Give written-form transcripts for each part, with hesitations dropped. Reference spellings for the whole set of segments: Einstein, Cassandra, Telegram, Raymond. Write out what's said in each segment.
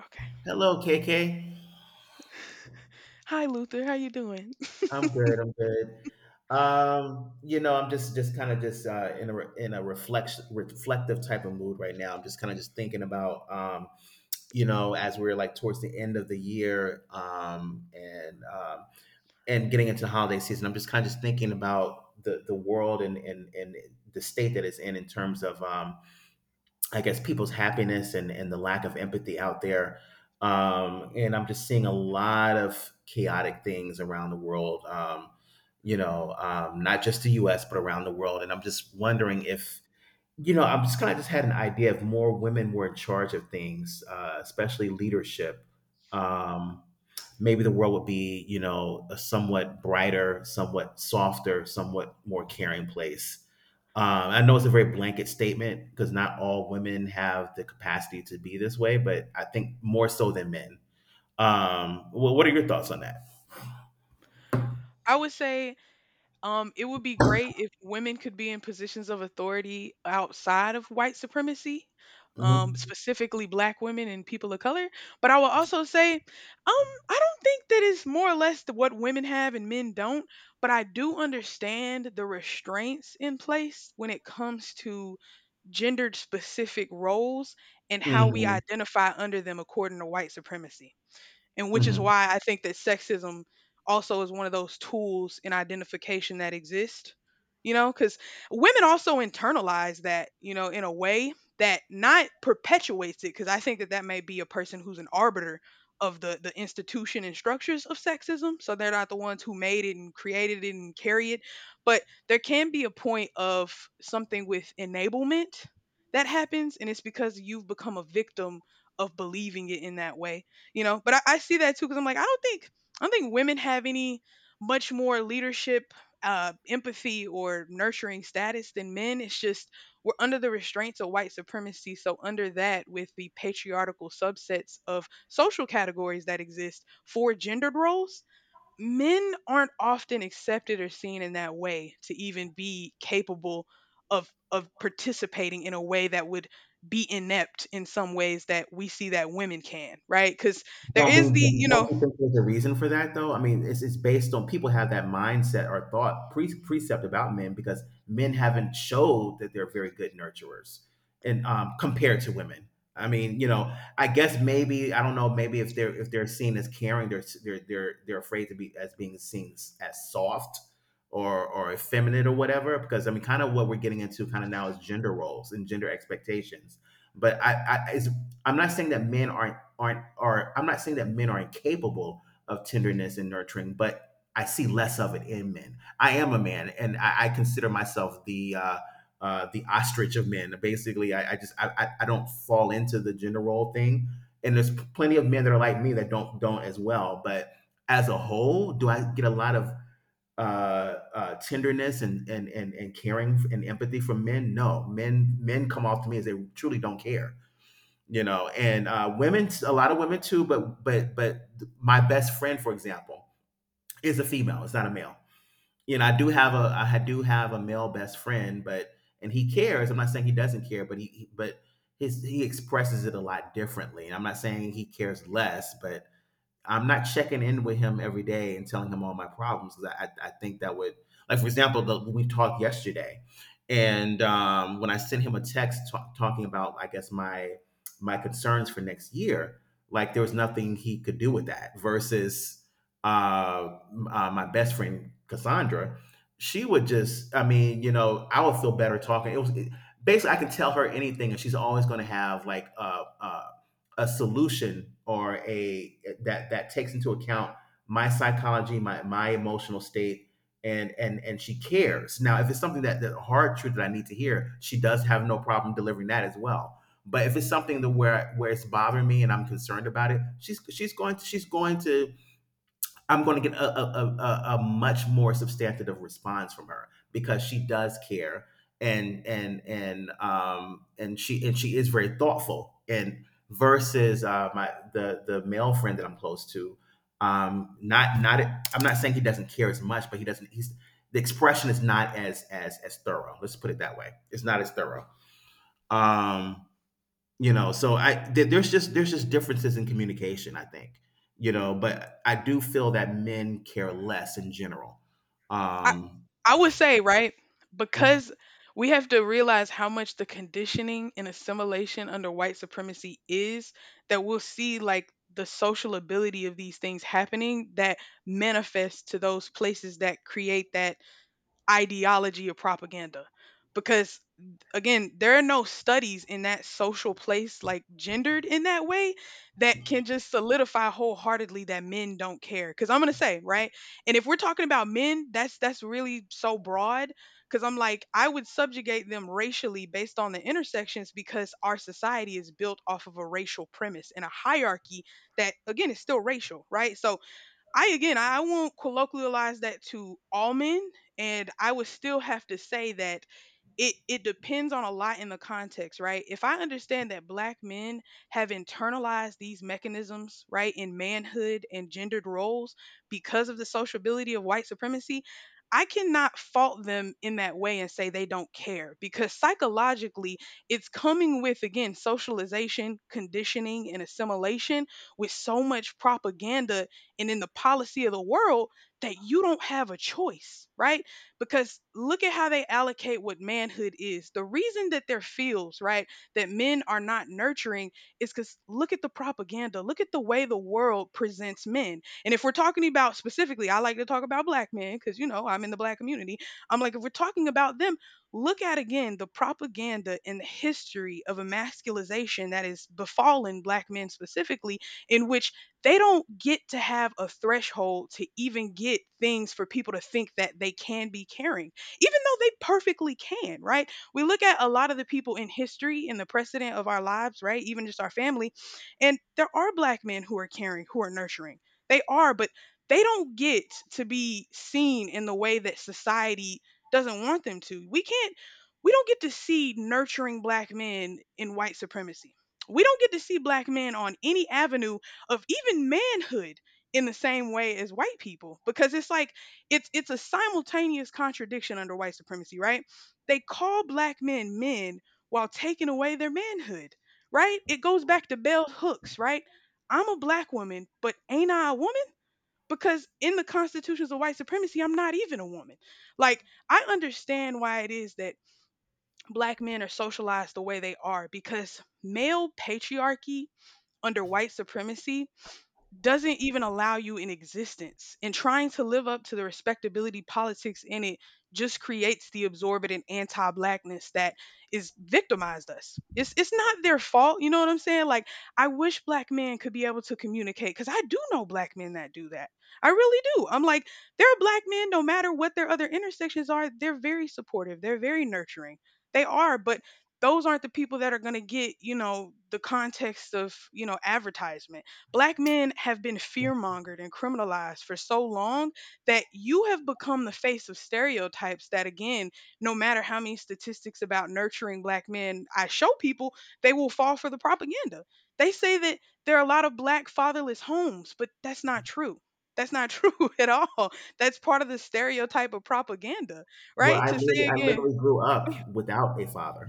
Okay. Hello, KK. Hi Luther, how you doing? I'm good. I'm good. I'm just kind of just in a reflection reflective type of mood right now. I'm just kind of just thinking about as we're like towards the end of the year and getting into the holiday season. I'm just kind of just thinking about the world and the state that it's in terms of I guess people's happiness and the lack of empathy out there. And I'm just seeing a lot of chaotic things around the world. Not just the U.S. but around the world. And I'm just wondering if I'm just kind of just had an idea if more women were in charge of things, especially leadership. Um, Maybe the world would be, you know, a somewhat brighter, somewhat softer, somewhat more caring place. Um, I know it's a very blanket statement because not all women have the capacity to be this way, but I think more so than men. Well, what are your thoughts on that? I would say it would be great if women could be in positions of authority outside of white supremacy, hmm specifically black women and people of color, but I will also say I don't think that it's more or less the, what women have and men don't, but I do understand the restraints in place when it comes to gendered specific roles and how we identify under them according to white supremacy. And which is hmm why I think that sexism also is one of those tools in identification that exist, you know, because women also internalize that, you know, in a way that not perpetuates it, because I think that that may be a person who's an arbiter of the institution and structures of sexism, so they're not the ones who made it and created it and carry it, but there can be a point of something with enablement that happens, and it's because you've become a victim of believing it in that way you know. But I see that too because I'm like, I don't think women have any much more leadership, empathy, or nurturing status than men. It's just we're under the restraints of white supremacy, so under that, with the patriarchal subsets of social categories that exist for gendered roles, men aren't often accepted or seen in that way to even be capable of participating in a way that would be inept in some ways that we see that women can, right? Because there Don't be, is the, you don't know, you think there's a reason for that though? I mean, it's based on people have that mindset or thought precept about men because men haven't showed that they're very good nurturers and compared to women. I mean, you know, I guess maybe I don't know. Maybe if they're seen as caring, they're afraid to be as being seen as soft or effeminate or whatever. Because I mean, kind of what we're getting into kind of now is gender roles and gender expectations. But I'm not saying that men are aren't are I'm not saying that men are incapable of tenderness and nurturing, but I see less of it in men. I am a man, and I consider myself the ostrich of men. Basically, I don't fall into the gender role thing, and there's plenty of men that are like me that don't as well. But as a whole, do I get a lot of tenderness and caring and empathy from men? No, men come off to me as they truly don't care. And women, a lot of women too, but my best friend, for example, is a female, it's not a male. You know, I do have a male best friend, but and he cares, I'm not saying he doesn't care, but he but his he expresses it a lot differently, and I'm not saying he cares less, but I'm not checking in with him every day and telling him all my problems, 'cause I I think that would, like for example, we talked yesterday, and when I sent him a text talking about I guess my my concerns for next year, like there was nothing he could do with that. Versus uh, my best friend Cassandra, she would just, I mean, you know, I would feel better talking, basically I can tell her anything, and she's always going to have like a solution, or a that that takes into account my psychology, my emotional state, and and she cares. Now, if it's something that the hard truth that I need to hear, she does have no problem delivering that as well. But if it's something that where it's bothering me and I'm concerned about it, she's going to, I'm going to get a, much more substantive response from her because she does care, and she is very thoughtful. And versus my the male friend that I'm close to, not not, I'm not saying he doesn't care as much, but he doesn't he's the expression is not as as thorough, let's put it that way. It's not as thorough. um so I th- there's just differences in communication, I think. You know, but I do feel that men care less in general. I um I would say, right, because we have to realize how much the conditioning and assimilation under white supremacy is that we'll see like the social ability of these things happening that manifest to those places that create that ideology or propaganda because again there are no studies in that social place like gendered in that way that can just solidify wholeheartedly that men don't care cuz I'm going to say right. And if we're talking about men, that's really so broad cuz I'm like I would subjugate them racially based on the intersections because our society is built off of a racial premise and a hierarchy that again is still racial, right? So I again, I won't colloquialize that to all men, and I would still have to say that it depends on a lot in the context, right? If I understand that black men have internalized these mechanisms, right, in manhood and gendered roles because of the sociability of white supremacy, I cannot fault them in that way and say they don't care because psychologically it's coming with again socialization, conditioning and assimilation with so much propaganda and in the policy of the world, that you don't have a choice, right? Because look at how they allocate what manhood is. The reason that there feels, right, that men are not nurturing is because look at the propaganda, look at the way the world presents men. And if we're talking about specifically, I like to talk about black men because, you know, I'm in the black community. I'm like, if we're talking about them, look at again the propaganda and the history of emasculation that is befallen black men specifically, in which they don't get to have a threshold to even get things for people to think that they can be caring, even though they perfectly can, right? We look at a lot of the people in history, in the precedent of our lives, right? Even just our family, and there are black men who are caring, who are nurturing. They are, but they don't get to be seen in the way that society doesn't want them to. We don't get to see nurturing black men in white supremacy. We don't get to see black men on any avenue of even manhood in the same way as white people because it's like it's a simultaneous contradiction under white supremacy, right? They call black men men while taking away their manhood, right? It goes back to bell hooks, right? I'm a black woman, but ain't I a woman? Because in the constitutions of white supremacy, I'm not even a woman. Like, I understand why it is that black men are socialized the way they are because male patriarchy under white supremacy doesn't even allow you in existence. And trying to live up to the respectability politics in it just creates the absorbent anti-blackness that is victimized us. It's not their fault, you know what I'm saying? Like I wish black men could be able to communicate cuz I do know black men that do that. I really do. I'm like there are black men no matter what their other intersections are, they're very supportive, they're very nurturing. They are, but those aren't the people that are going to get, you know, the context of, you know, advertisement. Black men have been fearmongered and criminalized for so long that you have become the face of stereotypes that, again, no matter how many statistics about nurturing black men I show people, they will fall for the propaganda. They say that there are a lot of black fatherless homes, but that's not true. That's not true at all. That's part of the stereotype of propaganda, well, right? I To literally, say I again, literally grew up without a father.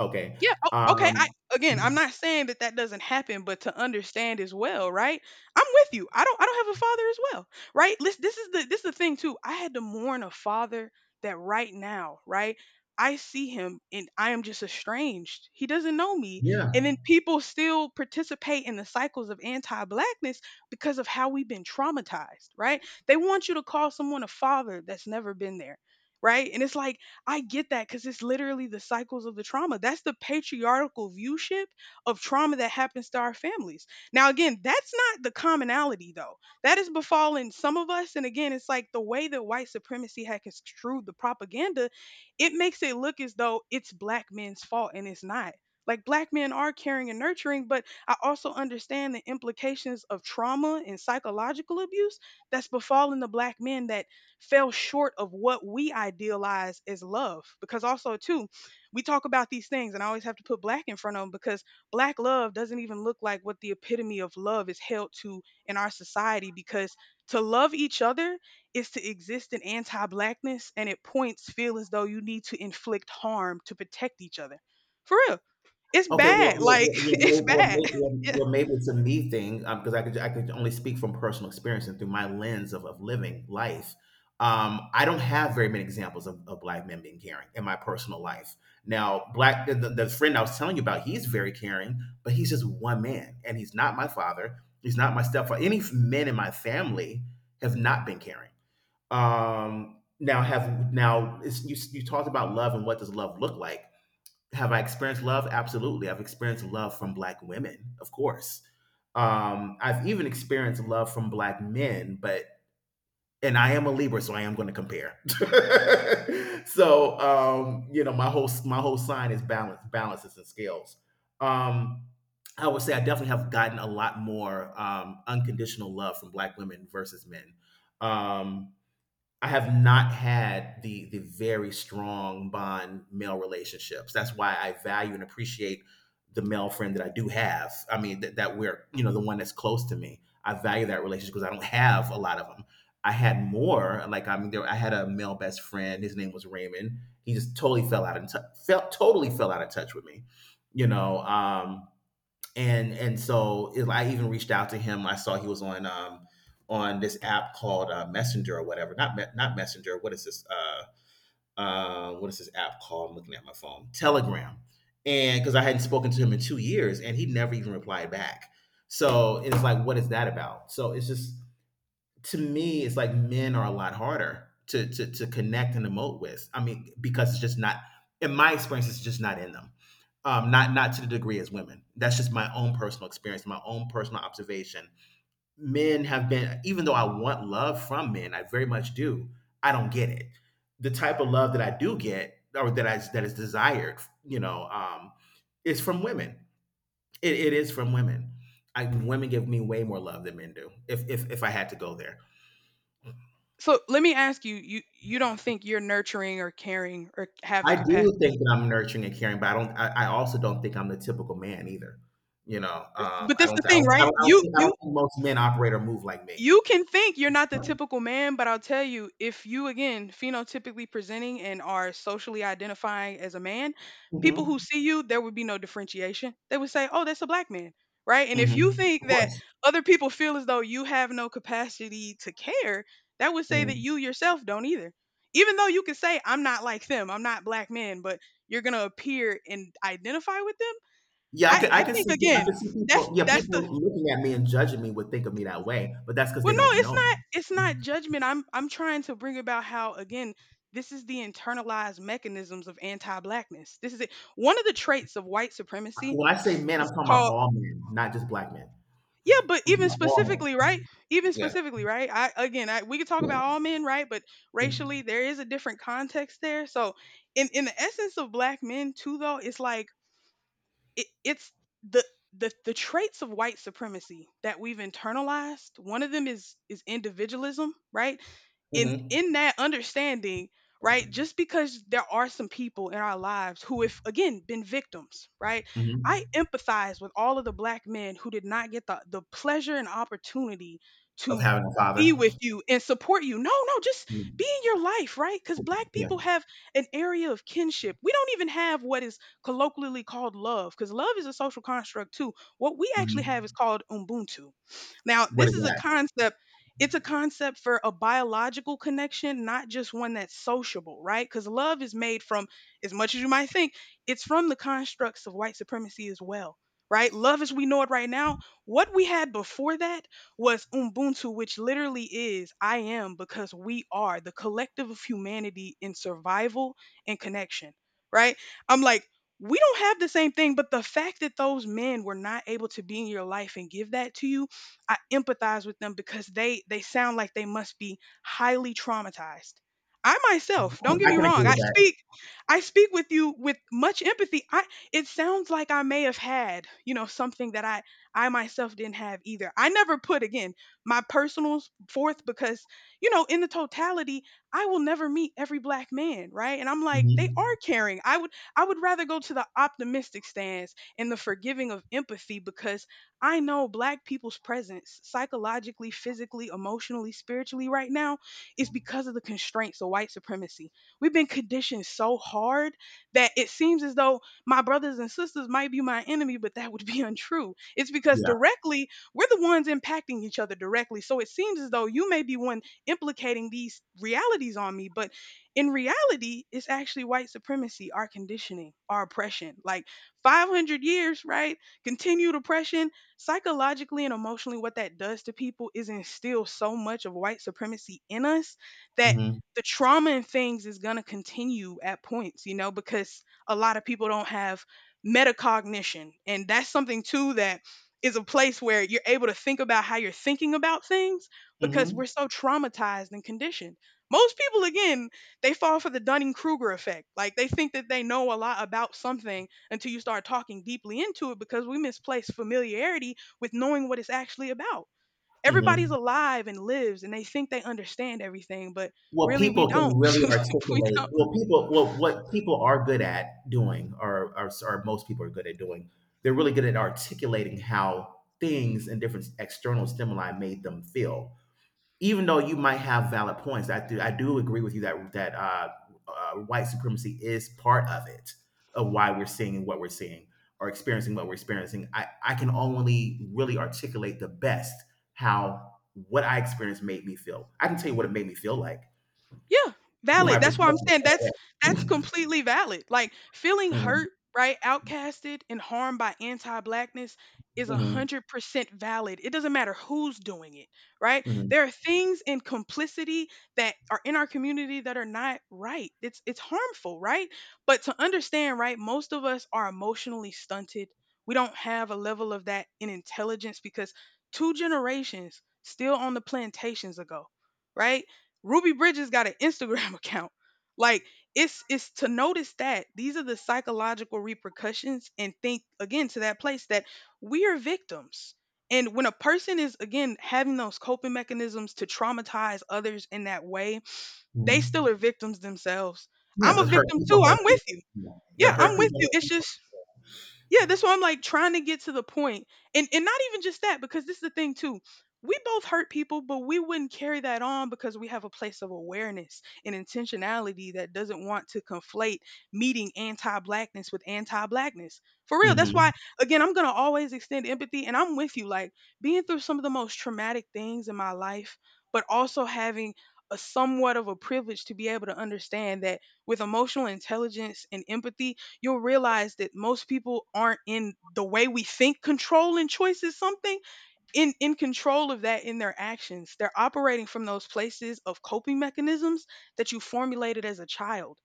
Okay. yeah, o okay, Um, I again, I'm not saying that that doesn't happen, but to understand as well, right? I'm with you. I don't have a father as well, right? Lis this is the thing too. I had to mourn a father that right now, right? I see him and I am just estranged. He doesn't know me. And yeah. then people still participate in the cycles of anti-blackness because of how we've been traumatized, right? They want you to call someone a father that's never been there, right? And it's like I get that because it's literally the cycles of the trauma. That's the patriarchal viewship of trauma that happens to our families. Now, again, that's not the commonality, though. That is befalling some of us. And again, it's like the way that white supremacy had construed the propaganda, it makes it look as though it's black men's fault, and it's not. Like, black men are caring and nurturing, but I also understand the implications of trauma and psychological abuse that's befalling the black men that fell short of what we idealize as love, because also too we talk about these things and I always have to put black in front of them because black love doesn't even look like what the epitome of love is held to in our society, because to love each other is to exist in anti-blackness and it points feel as though you need to inflict harm to protect each other for real. It's Okay, bad, well, like it's bad yeah. Maybe it's a me thing, because I could, I could only speak from personal experience and through my lens of living life. I don't have very many examples of black men being caring in my personal life. Now, black, the friend I was telling you about, he's very caring, but he's just one man, and he's not my father. He's not my stepfather. Any men in my family have not been caring. Now have, now it's, you talked about love, and what does love look like? Have I experienced love? Absolutely. I've experienced love from black women, of course. I've even experienced love from black men. But and I am a Libra, so I am going to compare. So you know, my whole sign is balance, balances and scales. Um, I would say I definitely have gotten a lot more unconditional love from black women versus men. Um, I have not had the very strong bond male relationships. That's why I value and appreciate the male friend that I do have. I mean, that, that we're, you know, the one that's close to me. I value that relationship because I don't have a lot of them. I had more. Like I mean, there, I had a male best friend. His name was Raymond. He just totally fell out of t- felt totally fell out of touch with me. You know, and so it, I even reached out to him. I saw he was on this app called Messenger or whatever. Not Messenger. What is this? What is this app called? I'm looking at my phone. Telegram. And because I hadn't spoken to him in 2 years, and he never even replied back. So it's like, what is that about? So it's just, to me, it's like men are a lot harder to to connect and emote with. I mean, because it's just not, in my experience, it's just not in them. Not not to the degree as women. That's just my own personal experience, my own personal observation. Men have been, even though I want love from men, I very much do. I don't get it. The type of love that I do get, or that I that is desired, you know, is from women. It is from women. I, women give me way more love than men do. If if I had to go there. So let me ask you, you don't think you're nurturing or caring or have the I do think capacity? that I'm nurturing and caring, but I don't. I also don't think I'm the typical man either. You know, It's- But I that's the don't. I thing, don't. Right? I don't You think. I don't you think most men operate or move like me. you can think you're not the typical man, but I'll tell you, if you again phenotypically presenting and are socially identifying as a man, hmm people who see you, there would be no differentiation. They would say, "Oh, that's a black man." Right? And if you think Of that course. other people feel as though you have no capacity to care, that would say that Mhm. you yourself don't either. Even though you could say, "I'm not like them. I'm not black men," but you're going to appear and identify with them. Yeah, I can. I I can think see. I again, can see that's people. Yeah, that's people the looking at me and judging me would think of me that way, but that's because they Well, don't no, know me. it's not judgment. I'm trying to bring about how again, this is the internalized mechanisms of anti-blackness. This is it. One of the traits of white supremacy When I say men, I'm is talking about called all men, not just black men. yeah, but I'm talking even about all specifically, men. right? Even Yeah. specifically, right? We could talk about all men, right? But racially, there is a different context there. So, in the essence of black men, too, though, it's like it's the the traits of white supremacy that we've internalized, one of them is individualism, right? Mm-hmm. In that understanding, right, just because there are some people in our lives who have again been victims, right, Hmm. I empathize with all of the black men who did not get the pleasure and opportunity Of to having a be father. with you and support you, no no just be Mhm. in your life, right? Because black Yeah. people have an area of kinship, we don't even have what is colloquially called love because love is a social construct too. What we actually have is Hmm. called Ubuntu. Now, What this is is a that? concept. It's a concept for a biological connection, not just one that's sociable, right? Because love is made from, as much as you might think, it's from the constructs of white supremacy as well, right? Love as we know it right now, what we had before that was Ubuntu, which literally is I am because we are the collective of humanity in survival and connection, right? I'm like, we don't have the same thing but the fact that those men were not able to be in your life and give that to you, I empathize with them because they sound like they must be highly traumatized. I myself, don't get I me can agree wrong, with that. I speak with you with much empathy. I it sounds like I may have had something that I myself didn't have either. I never put, again, my personals forth because, you know, in the totality, I will never meet every black man, right? And I'm like, they Mhm. are caring. I would rather go to the optimistic stance and the forgiving of empathy because I know Black people's presence psychologically, physically, emotionally, spiritually right now is because of the constraints of white supremacy. We've been conditioned so hard that it seems as though my brothers and sisters might be my enemy, but that would be untrue. It's because Yeah. directly we're the ones impacting each other directly. So it seems as though you may be one implicating these realities on me, but in reality, it's actually white supremacy, our conditioning, our oppression. Like 500 years, right? Continued oppression, psychologically and emotionally, what that does to people is instill so much of white supremacy in us that Mhm. the trauma and things is going to continue at points, you know, because a lot of people don't have metacognition. And that's something, too, that is a place where you're able to think about how you're thinking about things. Because Mhm. we're so traumatized and conditioned, most people, again, they fall for the Dunning Kruger effect. Like they think that they know a lot about something until you start talking deeply into it because we misplace familiarity with knowing what it's actually about. Everybody's Mhm. alive and lives and they think they understand everything, but What really we people can don't. really We articulate, don't. what people, what people are good at doing, or s or most people are good at doing, they're really good at articulating how things and different external stimuli made them feel. Even though you might have valid points, I do, I do agree with you that that white supremacy is part of it, of why we're seeing what we're seeing or experiencing what we're experiencing. I can only really articulate the best how what I experienced made me feel. I can tell you what it made me feel like Yeah, from my valid. That's why I'm saying perspective. that's completely valid. Like feeling Mhm, hurt, right, outcasted and harmed by anti-blackness is a mhm, hundred percent valid. It doesn't matter who's doing it, right? mhm, There are things in complicity that are in our community that are not right. It's harmful, right? But to understand, right, most of us are emotionally stunted. We don't have a level of that in intelligence because two generations still on the plantations ago, right? Ruby Bridges got an Instagram account. Like it's to notice that these are the psychological repercussions and think again to that place that we are victims. And when a person is again having those coping mechanisms to traumatize others in that way, they still mhm. are victims themselves. Yeah, I'm because a hurt victim too. people hurt I'm with you. people. Yeah, Yeah, hurt I'm with people. you. Hurt It's people. just, yeah, that's why I'm like trying to get to the point. And not even just that, because this is the thing too. We both hurt people, but we wouldn't carry that on because we have a place of awareness and intentionality that doesn't want to conflate meeting anti-blackness with anti-blackness. For real. That's Mm-hmm. why, again, I'm going to always extend empathy and I'm with you, like being through some of the most traumatic things in my life, but also having a somewhat of a privilege to be able to understand that with emotional intelligence and empathy you'll realize that most people aren't, in the way we think control and choice is something in control of that, in their actions they're operating from those places of coping mechanisms that you formulated as a child.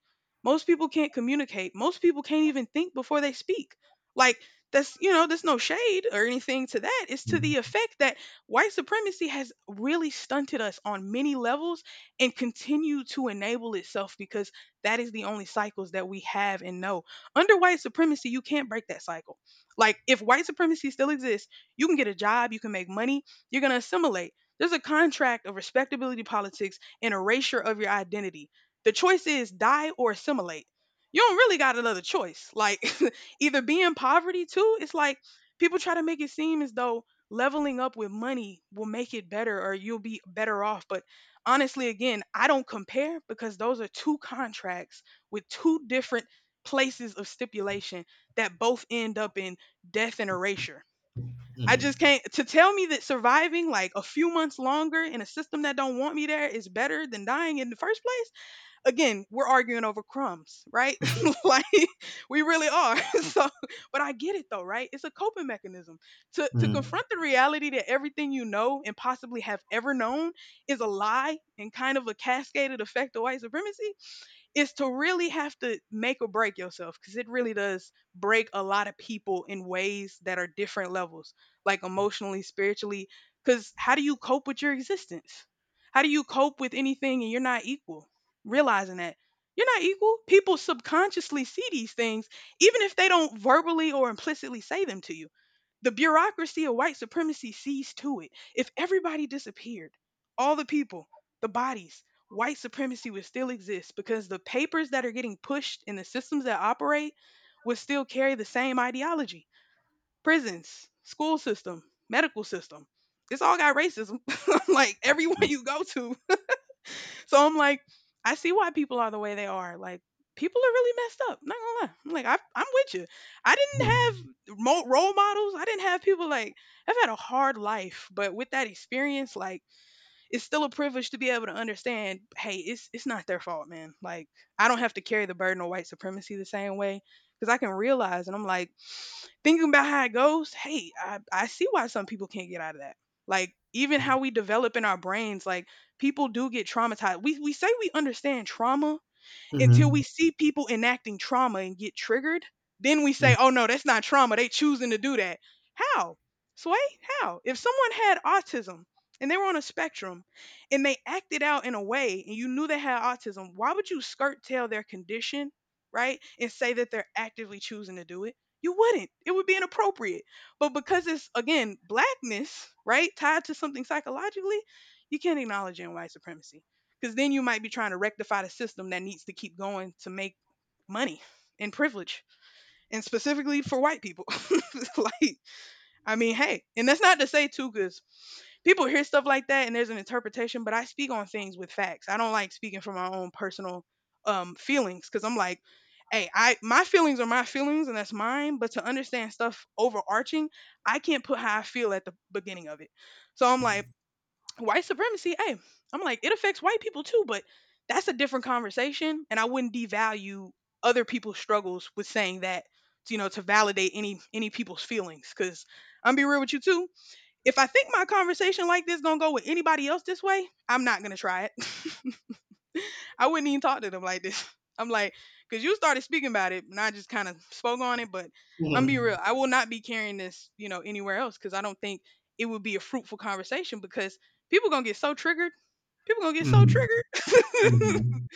Most people can't communicate, most people can't even think before they speak. Like, that's, you know, there's no shade or anything to that, it's to the effect that white supremacy has really stunted us on many levels and continue to enable itself because that is the only cycles that we have and know. Under white supremacy you can't break that cycle. Like if white supremacy still exists, you can get a job, you can make money, you're going to assimilate. There's a contract of respectability politics and erasure of your identity. The choice is die or assimilate. You don't really got another choice. Like, either be in poverty too. It's like people try to make it seem as though leveling up with money will make it better or you'll be better off. But honestly, again, I don't compare because those are two contracts with two different places of stipulation that both end up in death and erasure. I Mm-hmm. just can't. To tell me that surviving like a few months longer in a system that don't want me there is better than dying in the first place. Again, we're arguing over crumbs, right? Like we really are. So, but I get it though, right? It's a coping mechanism. To Mm-hmm. confront the reality that everything you know and possibly have ever known is a lie and kind of a cascaded effect of white supremacy is to really have to make or break yourself, because it really does break a lot of people in ways that are different levels, like emotionally, spiritually. Because how do you cope with your existence? How do you cope with anything and you're not equal? Realizing that you're not equal, people subconsciously see these things, even if they don't verbally or implicitly say them to you. The bureaucracy of white supremacy sees to it. If everybody disappeared, all the people, the bodies, white supremacy would still exist because the papers that are getting pushed and the systems that operate would still carry the same ideology. Prisons, school system, medical system. It's all got racism. Like everyone Mm-hmm. you go to. So I'm like, I see why people are the way they are. Like, people are really messed up. Not gonna lie. I'm like, I'm with you. I Mm-hmm. didn't have mo- role models. I didn't have people like. I've had a hard life, but with that experience, like, it's still a privilege to be able to understand. Hey, it's not their fault, man. Like, I don't have to carry the burden of white supremacy the same way because I can realize, and I'm like thinking about how it goes, hey, I see why some people can't get out of that. Like even how we develop in our brains, like people do get traumatized. We say we understand trauma, until Mm-hmm. we see people enacting trauma and get triggered, then we say, oh no, that's not trauma. They choosing to do that. How? Sway, how? If someone had autism and they were on a spectrum and they acted out in a way and you knew they had autism, why would you skirt tail their condition, right? And say that they're actively choosing to do it? You wouldn't. It would be inappropriate. But because it's, again, blackness, right, tied to something psychologically, you can't acknowledge it in white supremacy. Because then you might be trying to rectify the system that needs to keep going to make money and privilege, and specifically for white people. Like, I mean, hey, and that's not to say too, because people hear stuff like that and there's an interpretation, but I speak on things with facts. I don't like speaking from my own personal feelings because I'm like, hey, I my feelings are my feelings and that's mine. But to understand stuff overarching, I can't put how I feel at the beginning of it. So I'm like, white supremacy, hey, I'm like, it affects white people too, but that's a different conversation. And I wouldn't devalue other people's struggles with saying that, you know, to validate any people's feelings. Cause I'm be real with you too. If I think my conversation like this gonna go with anybody else this way, I'm not gonna try it. I wouldn't even talk to them like this. I'm like, cause you started speaking about it, and I just kind of spoke on it. But I'm be Mhm. real, I will not be carrying this, you know, anywhere else, cause I don't think it would be a fruitful conversation because people gonna get so triggered, people gonna get so Mhm. triggered. Mhm.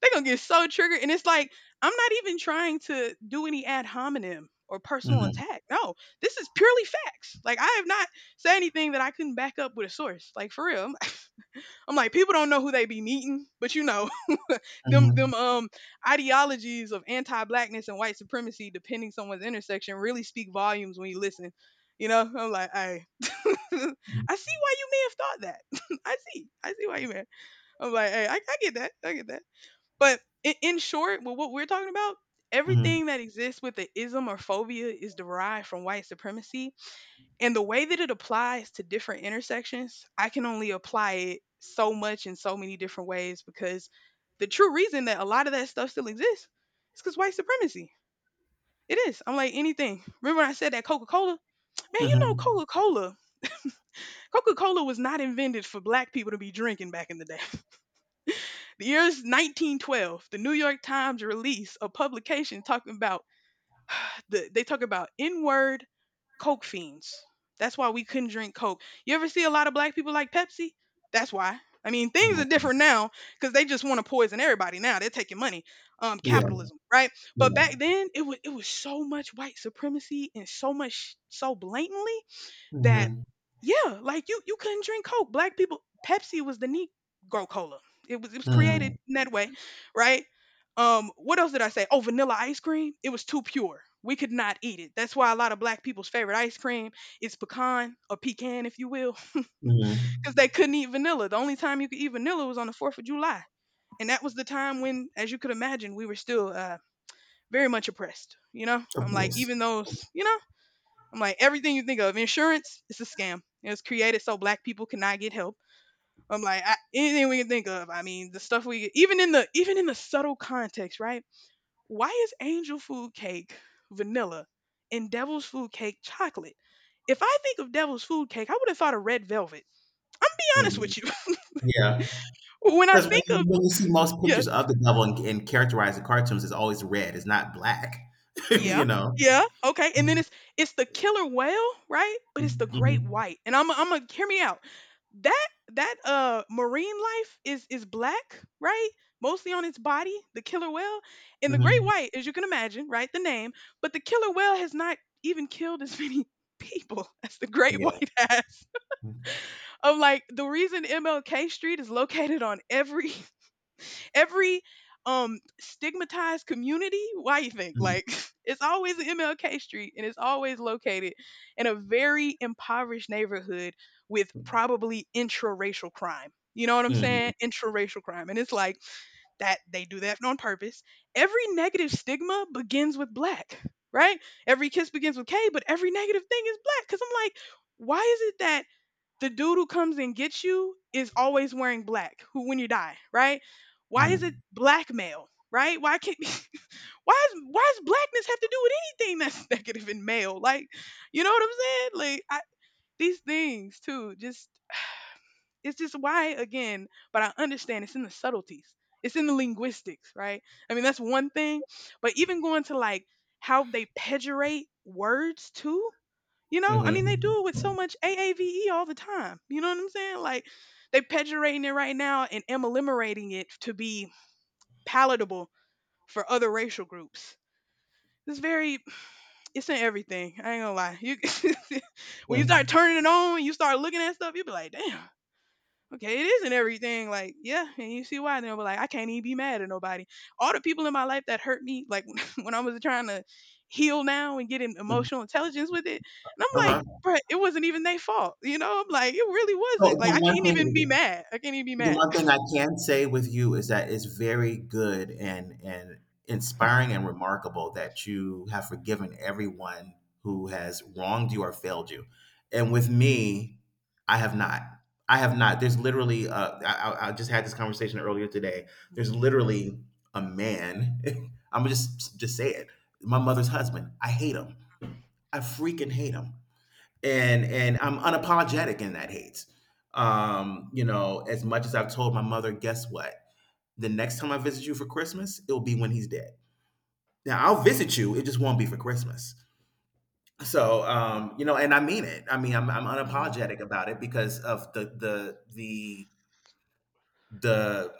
They gonna get so triggered, and it's like I'm not even trying to do any ad hominem or personal Mhm. attack. No, this is purely facts. Like I have not said anything that I couldn't back up with a source. Like for real, I'm like people don't know who they be meeting, but you know them Mhm. them um ideologies of anti-blackness and white supremacy, depending someone's intersection, really speak volumes when you listen. You know, I'm like, I see why you may have thought that. I see why you may. I'm like, hey, I get that. I get that. But in short, with what we're talking about, Mhm. everything that exists with the ism or phobia is derived from white supremacy. And the way that it applies to different intersections, I can only apply it so much in so many different ways because the true reason that a lot of that stuff still exists is because white supremacy. It is. I'm like anything. Remember when I said that Coca Cola? Man, you know Mhm. Coca Cola. Coca Cola was not invented for black people to be drinking back in the day. The year's 1912. The New York Times released a publication talking about they talk about N-word coke fiends. That's why we couldn't drink coke. You ever see a lot of black people like Pepsi? That's why. I mean, things are Okay. different now because they just want to poison everybody now. They're taking money, Yeah. capitalism, right? But back Yeah. then, it was so much white supremacy and so much so blatantly that Mhm. yeah, like you couldn't drink Coke. Black people, Pepsi was the Negro cola. It was created Mhm. in that way, right? What else did I say? Oh, vanilla ice cream. It was too pure. We could not eat it. That's why a lot of black people's favorite ice cream is pecan or pecan, if you will, Mhm. because they couldn't eat vanilla. The only time you could eat vanilla was on the Fourth of July, and that was the time when, as you could imagine, we were still very much oppressed. You know, Of I'm like, course. even those, you know. I'm like, everything you think of, insurance, it's a scam. It was created so black people cannot get help. I'm like, I, anything we can think of. I mean, the stuff we even in the subtle context, right? Why is angel food cake vanilla and devil's food cake chocolate? If I think of devil's food cake, I would have thought of red velvet. I'm be honest Mhm. with you. Yeah, when I because think of, when you see most yeah. pictures of the devil and characterized in cartoons, it's always red. It's not black. You Yeah. know. Yeah. Okay. And then Mm-hmm. it's the killer whale, right? But it's the great white. And I'm gonna hear me out. That that marine life is black, right? Mostly on its body, the killer whale. And the great Mm-hmm. white, as you can imagine, right? The name, but the killer whale has not even killed as many people as the great Yeah. white has. of like, the reason MLK Street is located on every every stigmatized community, why you think, Mm-hmm. like, it's always an MLK street, and it's always located in a very impoverished neighborhood with probably intraracial crime. You know what I'm Mm-hmm. saying? Intraracial crime. And it's like that they do that on purpose. Every negative stigma begins with black, right? Every kiss begins with K, but every negative thing is black, because I'm like, why is it that the dude who comes and gets you is always wearing black, who when you die, right? Why is it black male, right? Why can't, why does blackness have to do with anything that's negative in male? Like, you know what I'm saying? Like I, these things too just it's just why again, but I understand it's in the subtleties. It's in the linguistics, right? I mean, that's one thing, but even going to like how they pejorate words too. You know, I mean, they do it with so much AAVE all the time. You know what I'm saying? Like, they pejorating it right now and emuliferating it to be palatable for other racial groups. It's very, it's in everything. I ain't gonna lie. You, when you start Mm-hmm. turning it on, you start looking at stuff, you be like, damn, okay, it is isn't everything. Like, yeah, and you see why. Then, but like, I can't even be mad at nobody. All the people in my life that hurt me, like, when I was trying to heal now and get in Mm, emotional intelligence with it, and I'm like, uh-huh. bruh, it wasn't even their fault. You know, I'm like, it really So wasn't. Like, the I one can't even be thing, mad. I can't even be the mad. one thing I can say with you is that it's very good and inspiring and remarkable that you have forgiven everyone who has wronged you or failed you. And with me, I have not. I have not. There's literally, I just had this conversation earlier today. There's Hmm. literally a man. I'm just say it. My mother's husband. I hate him. I freaking hate him and I'm unapologetic in that hate. As much as I've told my mother, guess what? The next time I visit you for Christmas, it'll be when he's dead. Now I'll visit you, it just won't be for Christmas. So, and I mean it. I mean, I'm Hmm. unapologetic about it because of the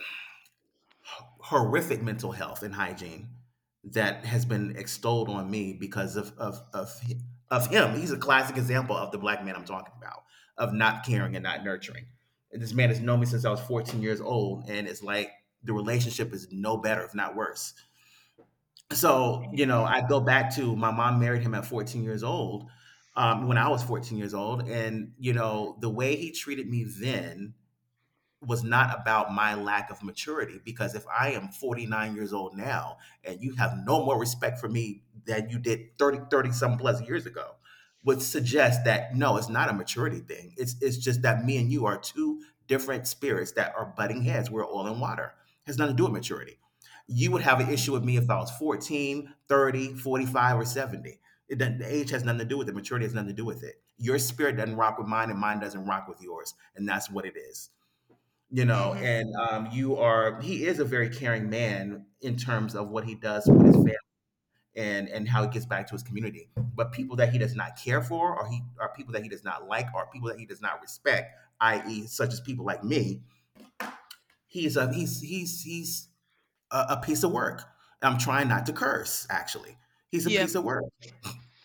horrific mental health and hygiene that has been extolled on me because of him. He's a classic example of the black man I'm talking about, of not caring and not nurturing. And this man has known me since I was 14 years old, and it's like the relationship is no better, if not worse. So you know, I go back to my mom married him at 14 years old. When I was 14 years old, and you know the way he treated me then was not about my lack of maturity, because if I am 49 years old now and you have no more respect for me than you did thirty some plus years ago, would suggest that no, it's not a maturity thing. It's just that me and you are two different spirits that are butting heads. We're oil and water. It has nothing to do with maturity. You would have an issue with me if I was 14, 30, 45, or 70. It doesn't, the age has nothing to do with it, maturity has nothing to do with it. Your spirit doesn't rock with mine and mine doesn't rock with yours, and that's what it is. You Hmm. know Hmm. and you are He is a very caring man in terms of what he does with his family and how he gets back to his community. But people that he does not care for, or he are people that he does not like, or people that he does not respect, i.e. such as people like me, he's a piece of work. I'm trying not to curse actually. He's a Yeah. piece of work.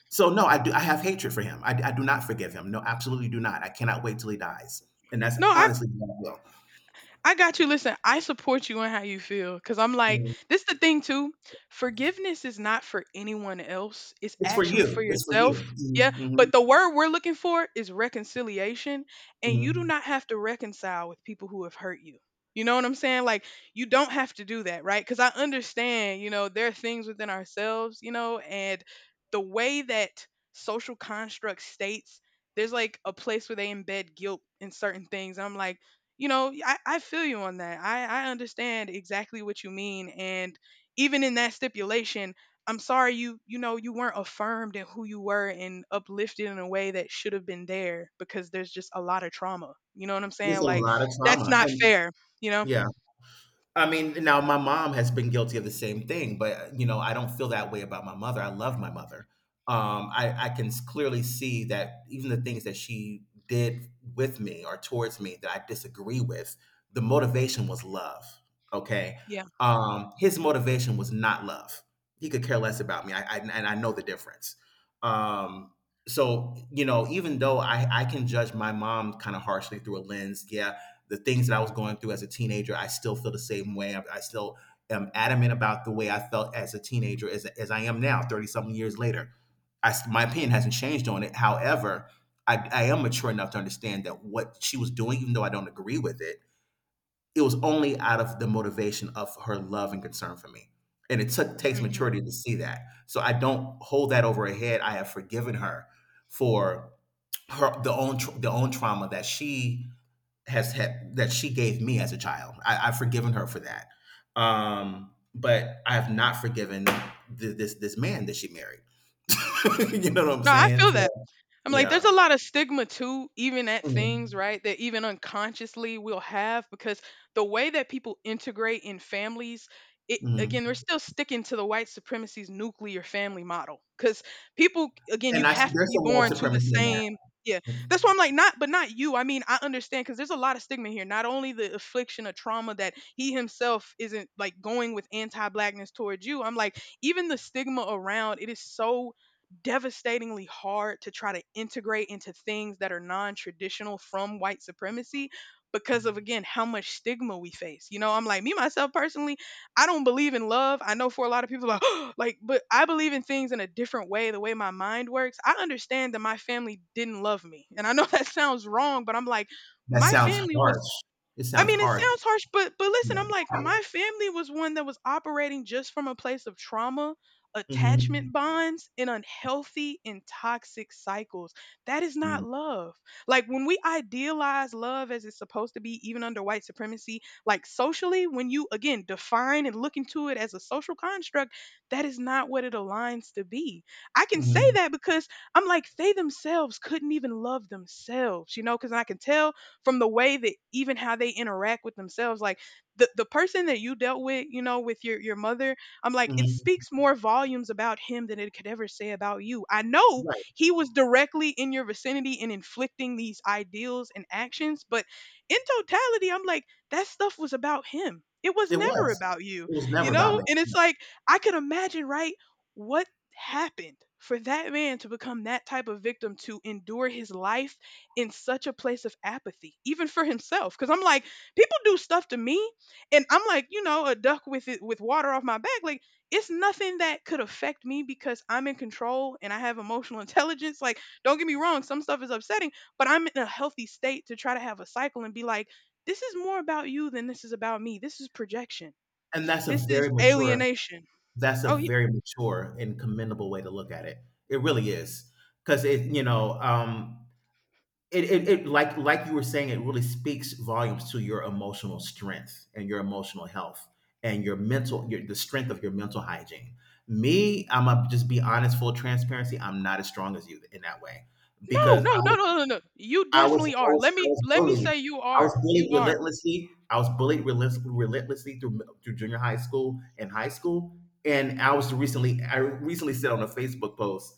So no, I have hatred for him. I do not forgive him, no, absolutely do not. I cannot wait till he dies, and that's No, I honestly what I I got you. Listen, I support you in how you feel because I'm like, will. this the thing too. Forgiveness is not for anyone else, it's It's for actually for you. It's for yourself. you. Yeah. Mhm, mhm, But the word we're looking for is reconciliation. And you do mhm. not have to reconcile with people who have hurt you. You know what I'm saying? Like, you don't have to do that, right? Because I understand, you know, there are things within ourselves, you know, and the way that social construct states, there's like a place where they embed guilt in certain things. I'm like, you know I feel you on that. I understand exactly what you mean, and even in that stipulation, I'm sorry, you know you weren't affirmed in who you were and uplifted in a way that should have been there, because there's just a lot of trauma. You know what I'm There's saying? a Like, lot of that's trauma, not and fair, you know? yeah. I mean, now my mom has been guilty of the same thing, but you know, I don't feel that way about my mother. I love my mother. I can clearly see that even the things that she did with me or towards me that I disagree with, the motivation was love. Okay. Yeah. His motivation was not love. He could care less about me. I and I know the difference. Um, so you know, even though I can judge my mom kind of harshly through a lens, yeah, the things that I was going through as a teenager, I still feel the same way. I still am adamant about the way I felt as a teenager as I am now, 30 something years later. My opinion hasn't changed on it. However, I am mature enough to understand that what she was doing, even though I don't agree with it, it was only out of the motivation of her love and concern for me. And it takes Hmm. maturity to see that. So I don't hold that over her head. I have forgiven her for her the own tr the own trauma that she has had that she gave me as a child. I, I've forgiven her for that, but I have not forgiven this man that she married. You know what I'm No, I saying? feel So that. I'm like, there's yeah. a lot of stigma too, even at things, Mhm. right? That even unconsciously we'll have because the way that people integrate in families, it Mhm. again, we're still sticking to the white supremacy's nuclear family model. Because people, again, And you I, have to there's be some white born to the supremacy in same. Yeah, that. that's why I'm like, not, but not you. I mean, I understand because there's a lot of stigma here. Not only the affliction of trauma that he himself isn't like going with anti blackness towards you. I'm like, even the stigma around it is so devastatingly hard to try to integrate into things that are non-traditional from white supremacy because of again how much stigma we face. You know, I'm like, me myself personally, I don't believe in love. I know for a lot of people like like, but I believe in things in a different way, the way my mind works. I understand that my family didn't love me. And I know that sounds wrong, but I'm like, That my sounds family harsh. was, It I sounds mean, it harsh. sounds harsh, but listen, I'm like, Yeah. my family was one that was operating just from a place of trauma, Mm-hmm. attachment bonds, and unhealthy and toxic cycles. That is not love. Like, when we idealize love as it's supposed to be, even under white supremacy, like socially, when you again define and look into it as a social construct, that is not what it aligns to be. I can say Mm-hmm. that because I'm like, they themselves couldn't even love themselves, you know, because I can tell from the way that even how they interact with themselves, like the person that you dealt with, you know, with your mother. I'm like, it Hmm. speaks more volumes about him than it could ever say about you. I know Right. he was directly in your vicinity and inflicting these ideals and actions, but in totality, I'm like that stuff was about him, it was It never was. about you. It was never You about know, me. and Yeah. it's like, I could imagine, right, what happened for that man to become that type of victim to endure his life in such a place of apathy, even for himself. Cause I'm like, people do stuff to me, and I'm like, you know, a duck with it with water off my back. Like, it's nothing that could affect me because I'm in control and I have emotional intelligence. Like, don't get me wrong, some stuff is upsetting, but I'm in a healthy state to try to have a cycle and be like, this is more about you than this is about me. This is projection. And that's a This very is mature alienation. That's a Oh yeah. very mature and commendable way to look at it. It really is. Because it, you know, it like you were saying, it really speaks volumes to your emotional strength and your emotional health and your mental, your, the strength of your mental hygiene. Me, I'm gonna just be honest, full transparency. I'm not as strong as you in that way No, because I no, no, no, no, no, no. You I was definitely I are. was Let I me was let me bullied. say you I was are. You bullied are. relentlessly. I was bullied relentlessly, relentlessly through junior high school. And I recently said on a Facebook post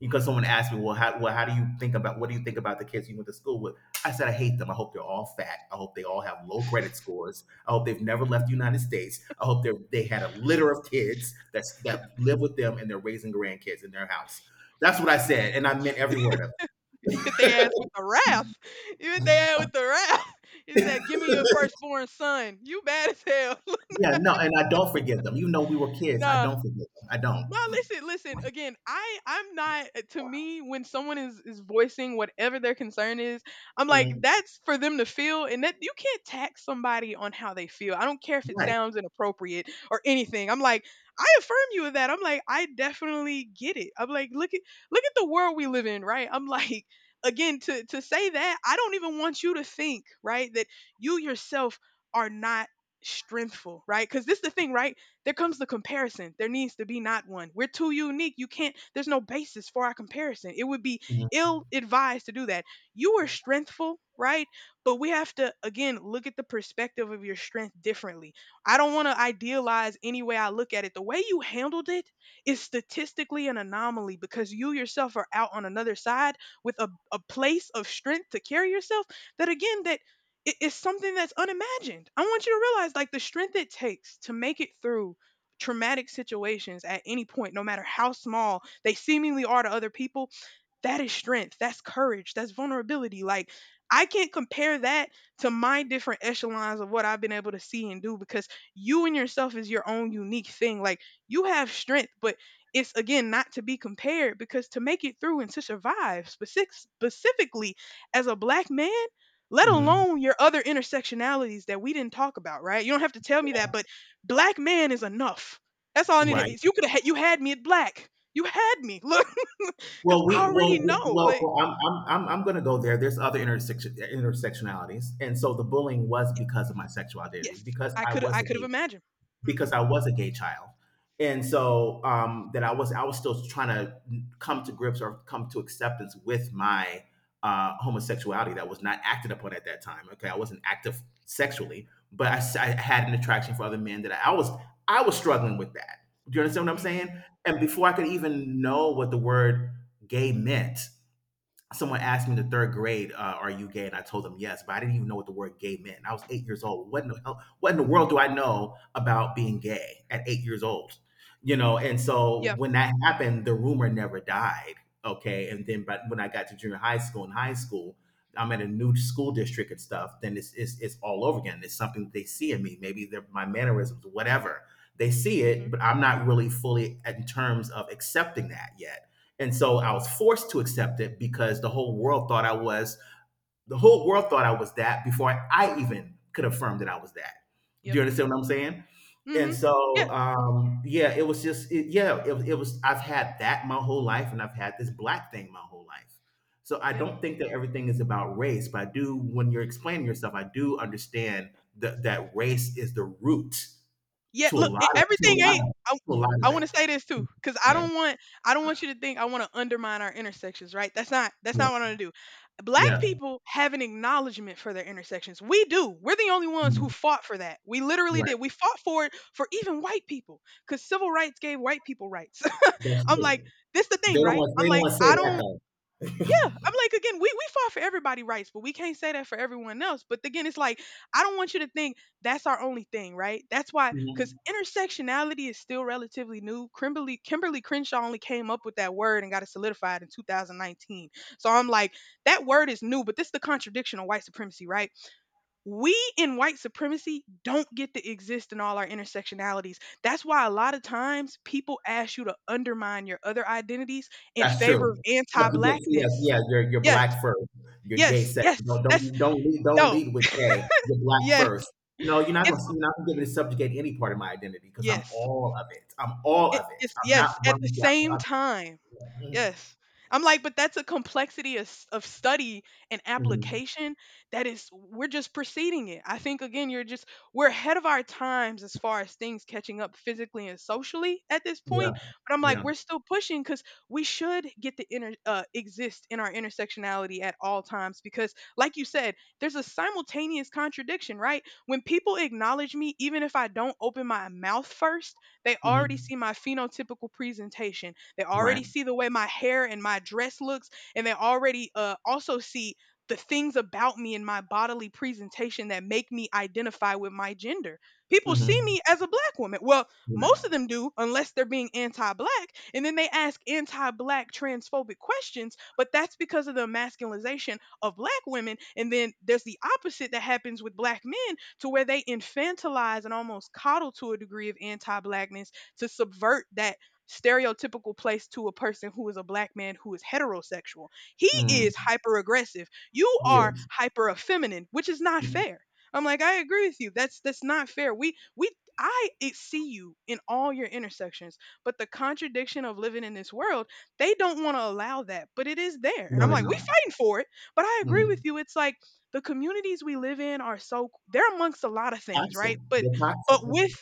because someone asked me, well how do you think about what do you think about the kids you went to school with? I said I hate them. I hope they're all fat. I hope they all have low credit scores. I hope they've never left the United States. I hope they had a litter of kids that's that live with them and they're raising grandkids in their house. That's what I said, and I meant every word of it. You hit their ass with the wrath. You hit their ass with the wrath. He said, "Give me your firstborn son. You bad as hell." Yeah, no, and I don't forget them. You know, we were kids, I Nah, don't forget them. I don't. no, listen, listen. Again, I'm not, to me when someone is voicing whatever their concern is, I'm like, Mm, that's for them to feel, and that you can't tax somebody on how they feel. I don't care if it right. sounds inappropriate or anything. I'm like, I affirm you of that. I'm like, I definitely get it. I'm like, look at the world we live in, right? I'm like, again, to say that, I don't even want you to think, right, that you yourself are not strengthful, right? Cuz this is the thing, right? There comes the comparison. There needs to be not one. We're too unique. You can't, there's no basis for our comparison. It would be Mhm, ill advised to do that. You are strengthful, right? But we have to, again, look at the perspective of your strength differently. I don't want to idealize any way I look at it. The way you handled it is statistically an anomaly because you yourself are out on another side with a place of strength to carry yourself that, again, that it's something that's unimagined. I want you to realize like the strength it takes to make it through traumatic situations at any point, no matter how small they seemingly are to other people, that is strength. That's courage. That's vulnerability. Like, I can't compare that to my different echelons of what I've been able to see and do because you and yourself is your own unique thing. Like, you have strength, but it's again not to be compared because to make it through and to survive specifically as a black man, let mhm, alone your other intersectionalities that we didn't talk about, right? You don't have to tell me that, but black man is enough. That's all I needed. right. You could have you had me at black. You had me. Look, because Well, I we already well we- know. well, Like well I'm gonna go there. There's other intersectionalities, and so the bullying was y- because of my sexual identity yes, because I was I a could have gay imagined. Hmm. because I was a gay child. And so that I was still trying to come to grips or come to acceptance with my homosexuality that was not acted upon at that time. Okay, I wasn't active sexually, but I had an attraction for other men that I was I was struggling with that. Do you understand what I'm Hmm. saying? And before I could even know what the word gay meant, someone asked me in the third grade, "Are you gay?" And I told them yes, but I didn't even know what the word "gay" meant. I was 8 years old. What in the world do I know about being gay at 8 years old? You know, and so Yeah. when that happened, the rumor never died. Okay, and then but when I got to junior high school and high school, I'm in a new school district and stuff. Then it's all over again. It's something that they see in me. Maybe they're my mannerisms, whatever. They see Hmm. it, but I'm not really fully in terms of accepting that yet, and so I was forced to accept it because the whole world thought I was, the whole world thought I was that before I, even could affirm that I was that. Do Yep. you understand what I'm saying? And Hmm. Yeah. so, yeah, it was just, it, yeah, it was, I've had that my whole life and I've had this black thing my whole life. So I Yeah. don't think that everything is about race, but I do, when you're explaining yourself, I do understand that, that race is the root Yeah, to a look, lot e of, everything ain't I. to a lot I of wanna say this too, it. cause I Yeah. don't want, I don't want you to think I wanna undermine our intersections, right? That's Yeah. not what I am going to do. Black Yeah. people have an acknowledgement for their intersections. We do. We're the only ones who Mhm. fought for that. We literally Right. did. We fought for it for even white people, cause civil rights gave white people rights. That's I'm like, true. this the thing, right? They I'm don't like, want to say I that don't. though. Yeah, I'm like again, we fought for everybody' rights, but we can't say that for everyone else. But again, it's like I don't want you to think that's our only thing, right? That's why, because Mhm. intersectionality is still relatively new. Kimberly Crenshaw only came up with that word and got it solidified in 2019. So I'm like, that word is new, but this is the contradiction of white supremacy, right? We in white supremacy don't get to exist in all our intersectionalities. That's why a lot of times people ask you to undermine your other identities in That's favor of true. That's what they see, anti-blackness. yeah, you're Yes, black first. You're gay yes, yes, second. Don't that's don't don't lead don't no, lead with gay. You're black yes, first. No, it's you're not gonna give me to subjugate any part of my identity because I'm yes. all of it. I'm all of it. It's I'm not yes, at the one without the same other. time. Yes. I'm like, but that's a complexity of, of study and Hmm. application that is, we're just preceding it. I think, again, you're just, we're ahead of our times as far as things catching up physically and socially at this Yeah, point. But I'm like, yeah. we're still pushing because we should get to exist in our intersectionality at all times. Because, like you said, there's a simultaneous contradiction, right? When people acknowledge me, even if I don't open my mouth first, they already Hmm. see my phenotypical presentation. They Right. already see the way my hair and my dress looks, and they already also see the things about me in my bodily presentation that make me identify with my gender. People see Hmm. me as a black woman. Well, most of Right. them do, unless they're being anti black. And then they ask anti black transphobic questions, but that's because of the emasculation of black women. And then there's the opposite that happens with black men, to where they infantilize and almost coddle to a degree of anti-blackness to subvert that stereotypical place to a person who is a black man who is heterosexual. He Mm. is hyper aggressive. You are Yes. hyper effeminate, which is not fair. I'm like, I agree with you. That's not fair. We I see you in all your intersections, but the contradiction of living in this world, they don't want to allow that, but it is there. And No, I'm they're like, we not. fighting for it. But I agree with Mm. you. It's like the communities we live in are so they're amongst a lot of things, Toxic. right? But They're but toxic. with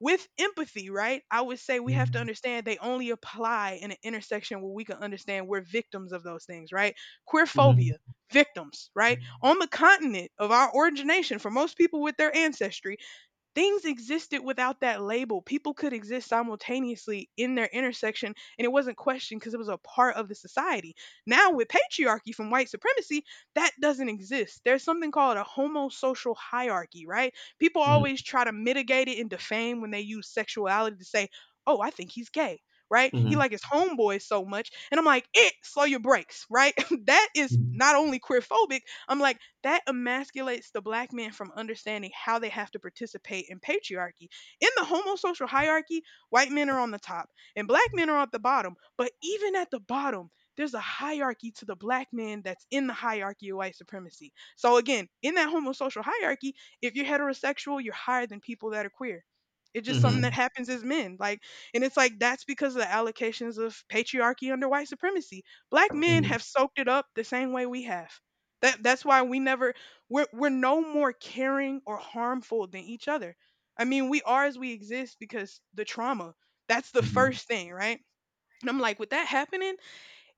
with empathy, right? I would say we have to Mm-hmm. understand they only apply in an intersection where we can understand we're victims of those things, right? Queer phobia, Mm-hmm. victims, right? On the continent of our origination, for most people with their ancestry, things existed without that label. People could exist simultaneously in their intersection and it wasn't questioned because it was a part of the society. Now, with patriarchy from white supremacy, that doesn't exist. There's something called a homosocial hierarchy, right? People always try to mitigate it and defame when they use sexuality to say, oh, I think he's gay. Right? He Mm-hmm. like his homeboys so much. And I'm like, it slow your brakes, right? That is not only queerphobic, I'm like, that emasculates the black man from understanding how they have to participate in patriarchy. In the homosocial hierarchy, white men are on the top and black men are at the bottom. But even at the bottom, there's a hierarchy to the black man that's in the hierarchy of white supremacy. So again, in that homosocial hierarchy, if you're heterosexual, you're higher than people that are queer. It's just something that Mhm. happens as men. Like, and it's like that's because of the allocations of patriarchy under white supremacy. Black men Mhm. have soaked it up the same way we have. That's why we never, we're no more caring or harmful than each other. I mean, we are as we exist because the trauma. That's the Mhm. first thing, right? And I'm like, with that happening,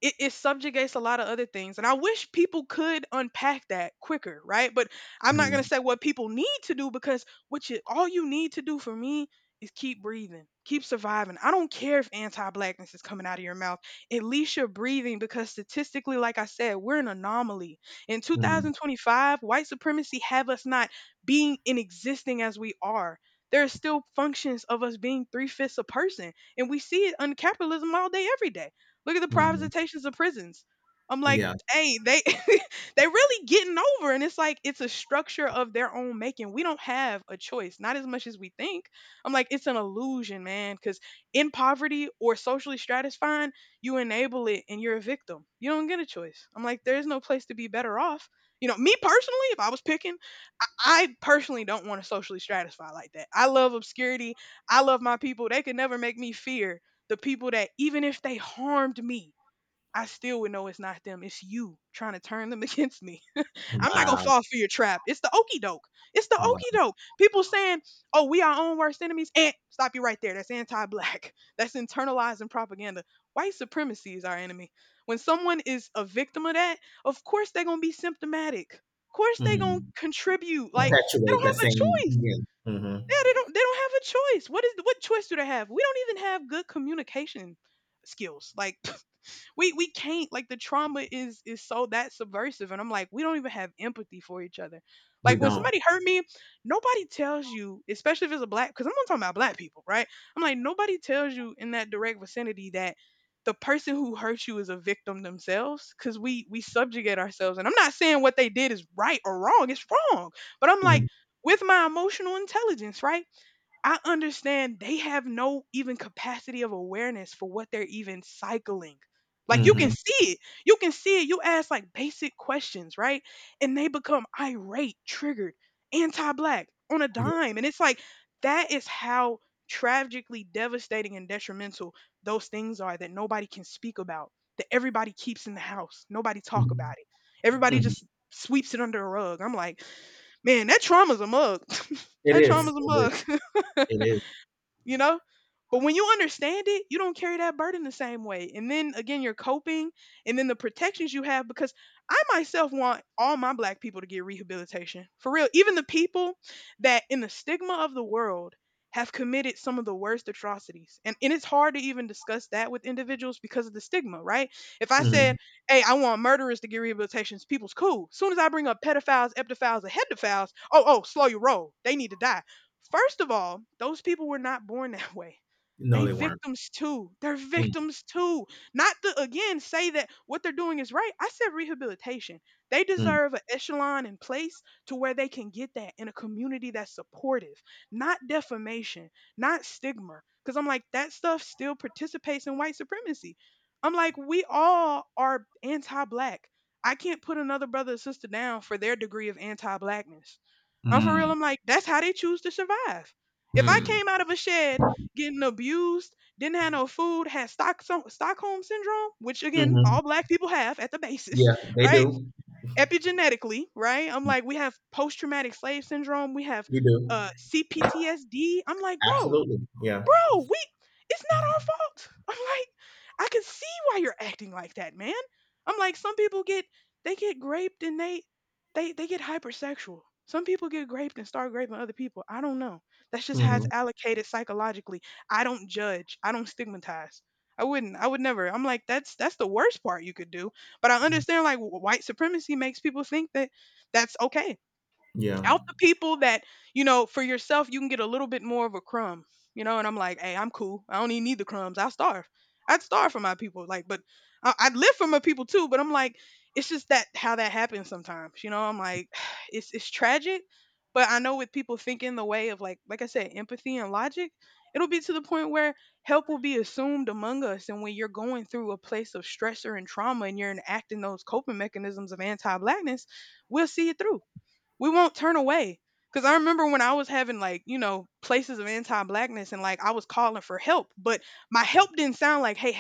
it subjugates a lot of other things. And I wish people could unpack that quicker, right? But I'm not gonna Mhm. say what people need to do because what you all you need to do for me is keep breathing, keep surviving. I don't care if anti-blackness is coming out of your mouth. At least you're breathing because statistically, like I said, we're an anomaly. In Mhm. 2025, white supremacy have us not being and existing as we are. There are still functions of us being three fifths a person, and we see it on capitalism all day, every day. Look at the Mhm. privatizations of prisons. I'm like, Yeah. hey, they they really getting over, and it's like it's a structure of their own making. We don't have a choice, not as much as we think. I'm like, it's an illusion, man, because in poverty or socially stratifying, you enable it, and you're a victim. You don't get a choice. I'm like, there is no place to be better off. You know, me personally, if I was picking, I personally don't want to socially stratify like that. I love obscurity. I love my people. They could never make me fear the people that even if they harmed me, I still would know it's not them. It's you trying to turn them against me. I'm not gonna Wow. fall for your trap. It's the okey doke. It's the okey Wow. doke. People saying, "Oh, we our own worst enemies." And stop you right there. That's anti-black. That's internalizing propaganda. White supremacy is our enemy. When someone is a victim of that, of course they're gonna be symptomatic. Of course they're gonna Mhm. contribute. Like they Perpetuate don't have that a same. choice. Yeah. Mhm. Yeah, they don't have a choice. What choice do they have? We don't even have good communication skills. Like we can't like the trauma is so that subversive and I'm like we don't even have empathy for each other. We Like when don't. somebody hurt me, nobody tells you, especially if it's a black cuz I'm not talking about black people, right? I'm like nobody tells you in that direct vicinity that the person who hurt you is a victim themselves cuz we subjugate ourselves and I'm not saying what they did is right or wrong, it's wrong. But I'm like, Mhm. with my emotional intelligence, right? I understand they have no even capacity of awareness for what they're even cycling. Like you can Mhm. see it. You can see it. You ask like basic questions, right? And they become irate, triggered, anti-black on a Yeah. dime. And it's like that is how tragically devastating and detrimental those things are that nobody can speak about. That everybody keeps in the house. Nobody talk Mhm. about it. Everybody Mhm. just sweeps it under a rug. I'm like, man, that trauma's a mug. It That is. trauma's a It mug. is. It is. You know? But when you understand it, you don't carry that burden the same way. And then again, you're coping and then the protections you have because I myself want all my black people to get rehabilitation. For real, even the people that in the stigma of the world have committed some of the worst atrocities. And it's hard to even discuss that with individuals because of the stigma, right? If I said, Mhm. hey, I want murderers to get rehabilitations, people's cool. Soon as I bring up pedophiles, epidophiles, and hedophiles, oh, oh, slow your roll. They need to die. First of all, those people were not born that way. No, They they weren't. victims too. They're Mm. victims too. Not to again say that what they're doing is right. I said rehabilitation. They Mm. deserve an echelon in place to where they can get that in a community that's supportive, not defamation, not stigma. Because I'm like, that stuff still participates in white supremacy. I'm like, we all are anti black. I can't put another brother or sister down for their degree of anti blackness. I'm for real. Mm. I'm like, that's how they choose to survive. If I Mm. came out of a shed getting abused, didn't have no food, had Stockholm syndrome, which again, Mhm. all black people have at the basis, Yeah, they right? do. Epigenetically, right? I'm like, we have post traumatic slave syndrome, we have You do. CPTSD. I'm like, bro, Absolutely. Yeah. We, it's not our fault. I'm like, I can see why you're acting like that, man. I'm like, some people get they get raped and they they get hypersexual. Some people get raped and start raping other people. I don't know. That's just how it's Mhm. allocated psychologically. I don't judge. I don't stigmatize. I wouldn't. I would never. I'm like that's the worst part you could do. But I understand like white supremacy makes people think that that's okay Yeah. out the people that you know for yourself you can get a little bit more of a crumb, you know. And I'm like, hey, I'm cool, I don't even need the crumbs, I starve, I'd starve for my people like but I'd live for my people too but I'm like it's just that how that happens sometimes, you know, I'm like it's tragic but I know with people thinking the way of like I said empathy and logic it'll be to the point where help will be assumed among us and when you're going through a place of stressor and trauma and you're enacting those coping mechanisms of anti-blackness we'll see it through, we won't turn away. Because I remember when I was having like, you know, places of anti blackness and like I was calling for help, but my help didn't sound like, hey,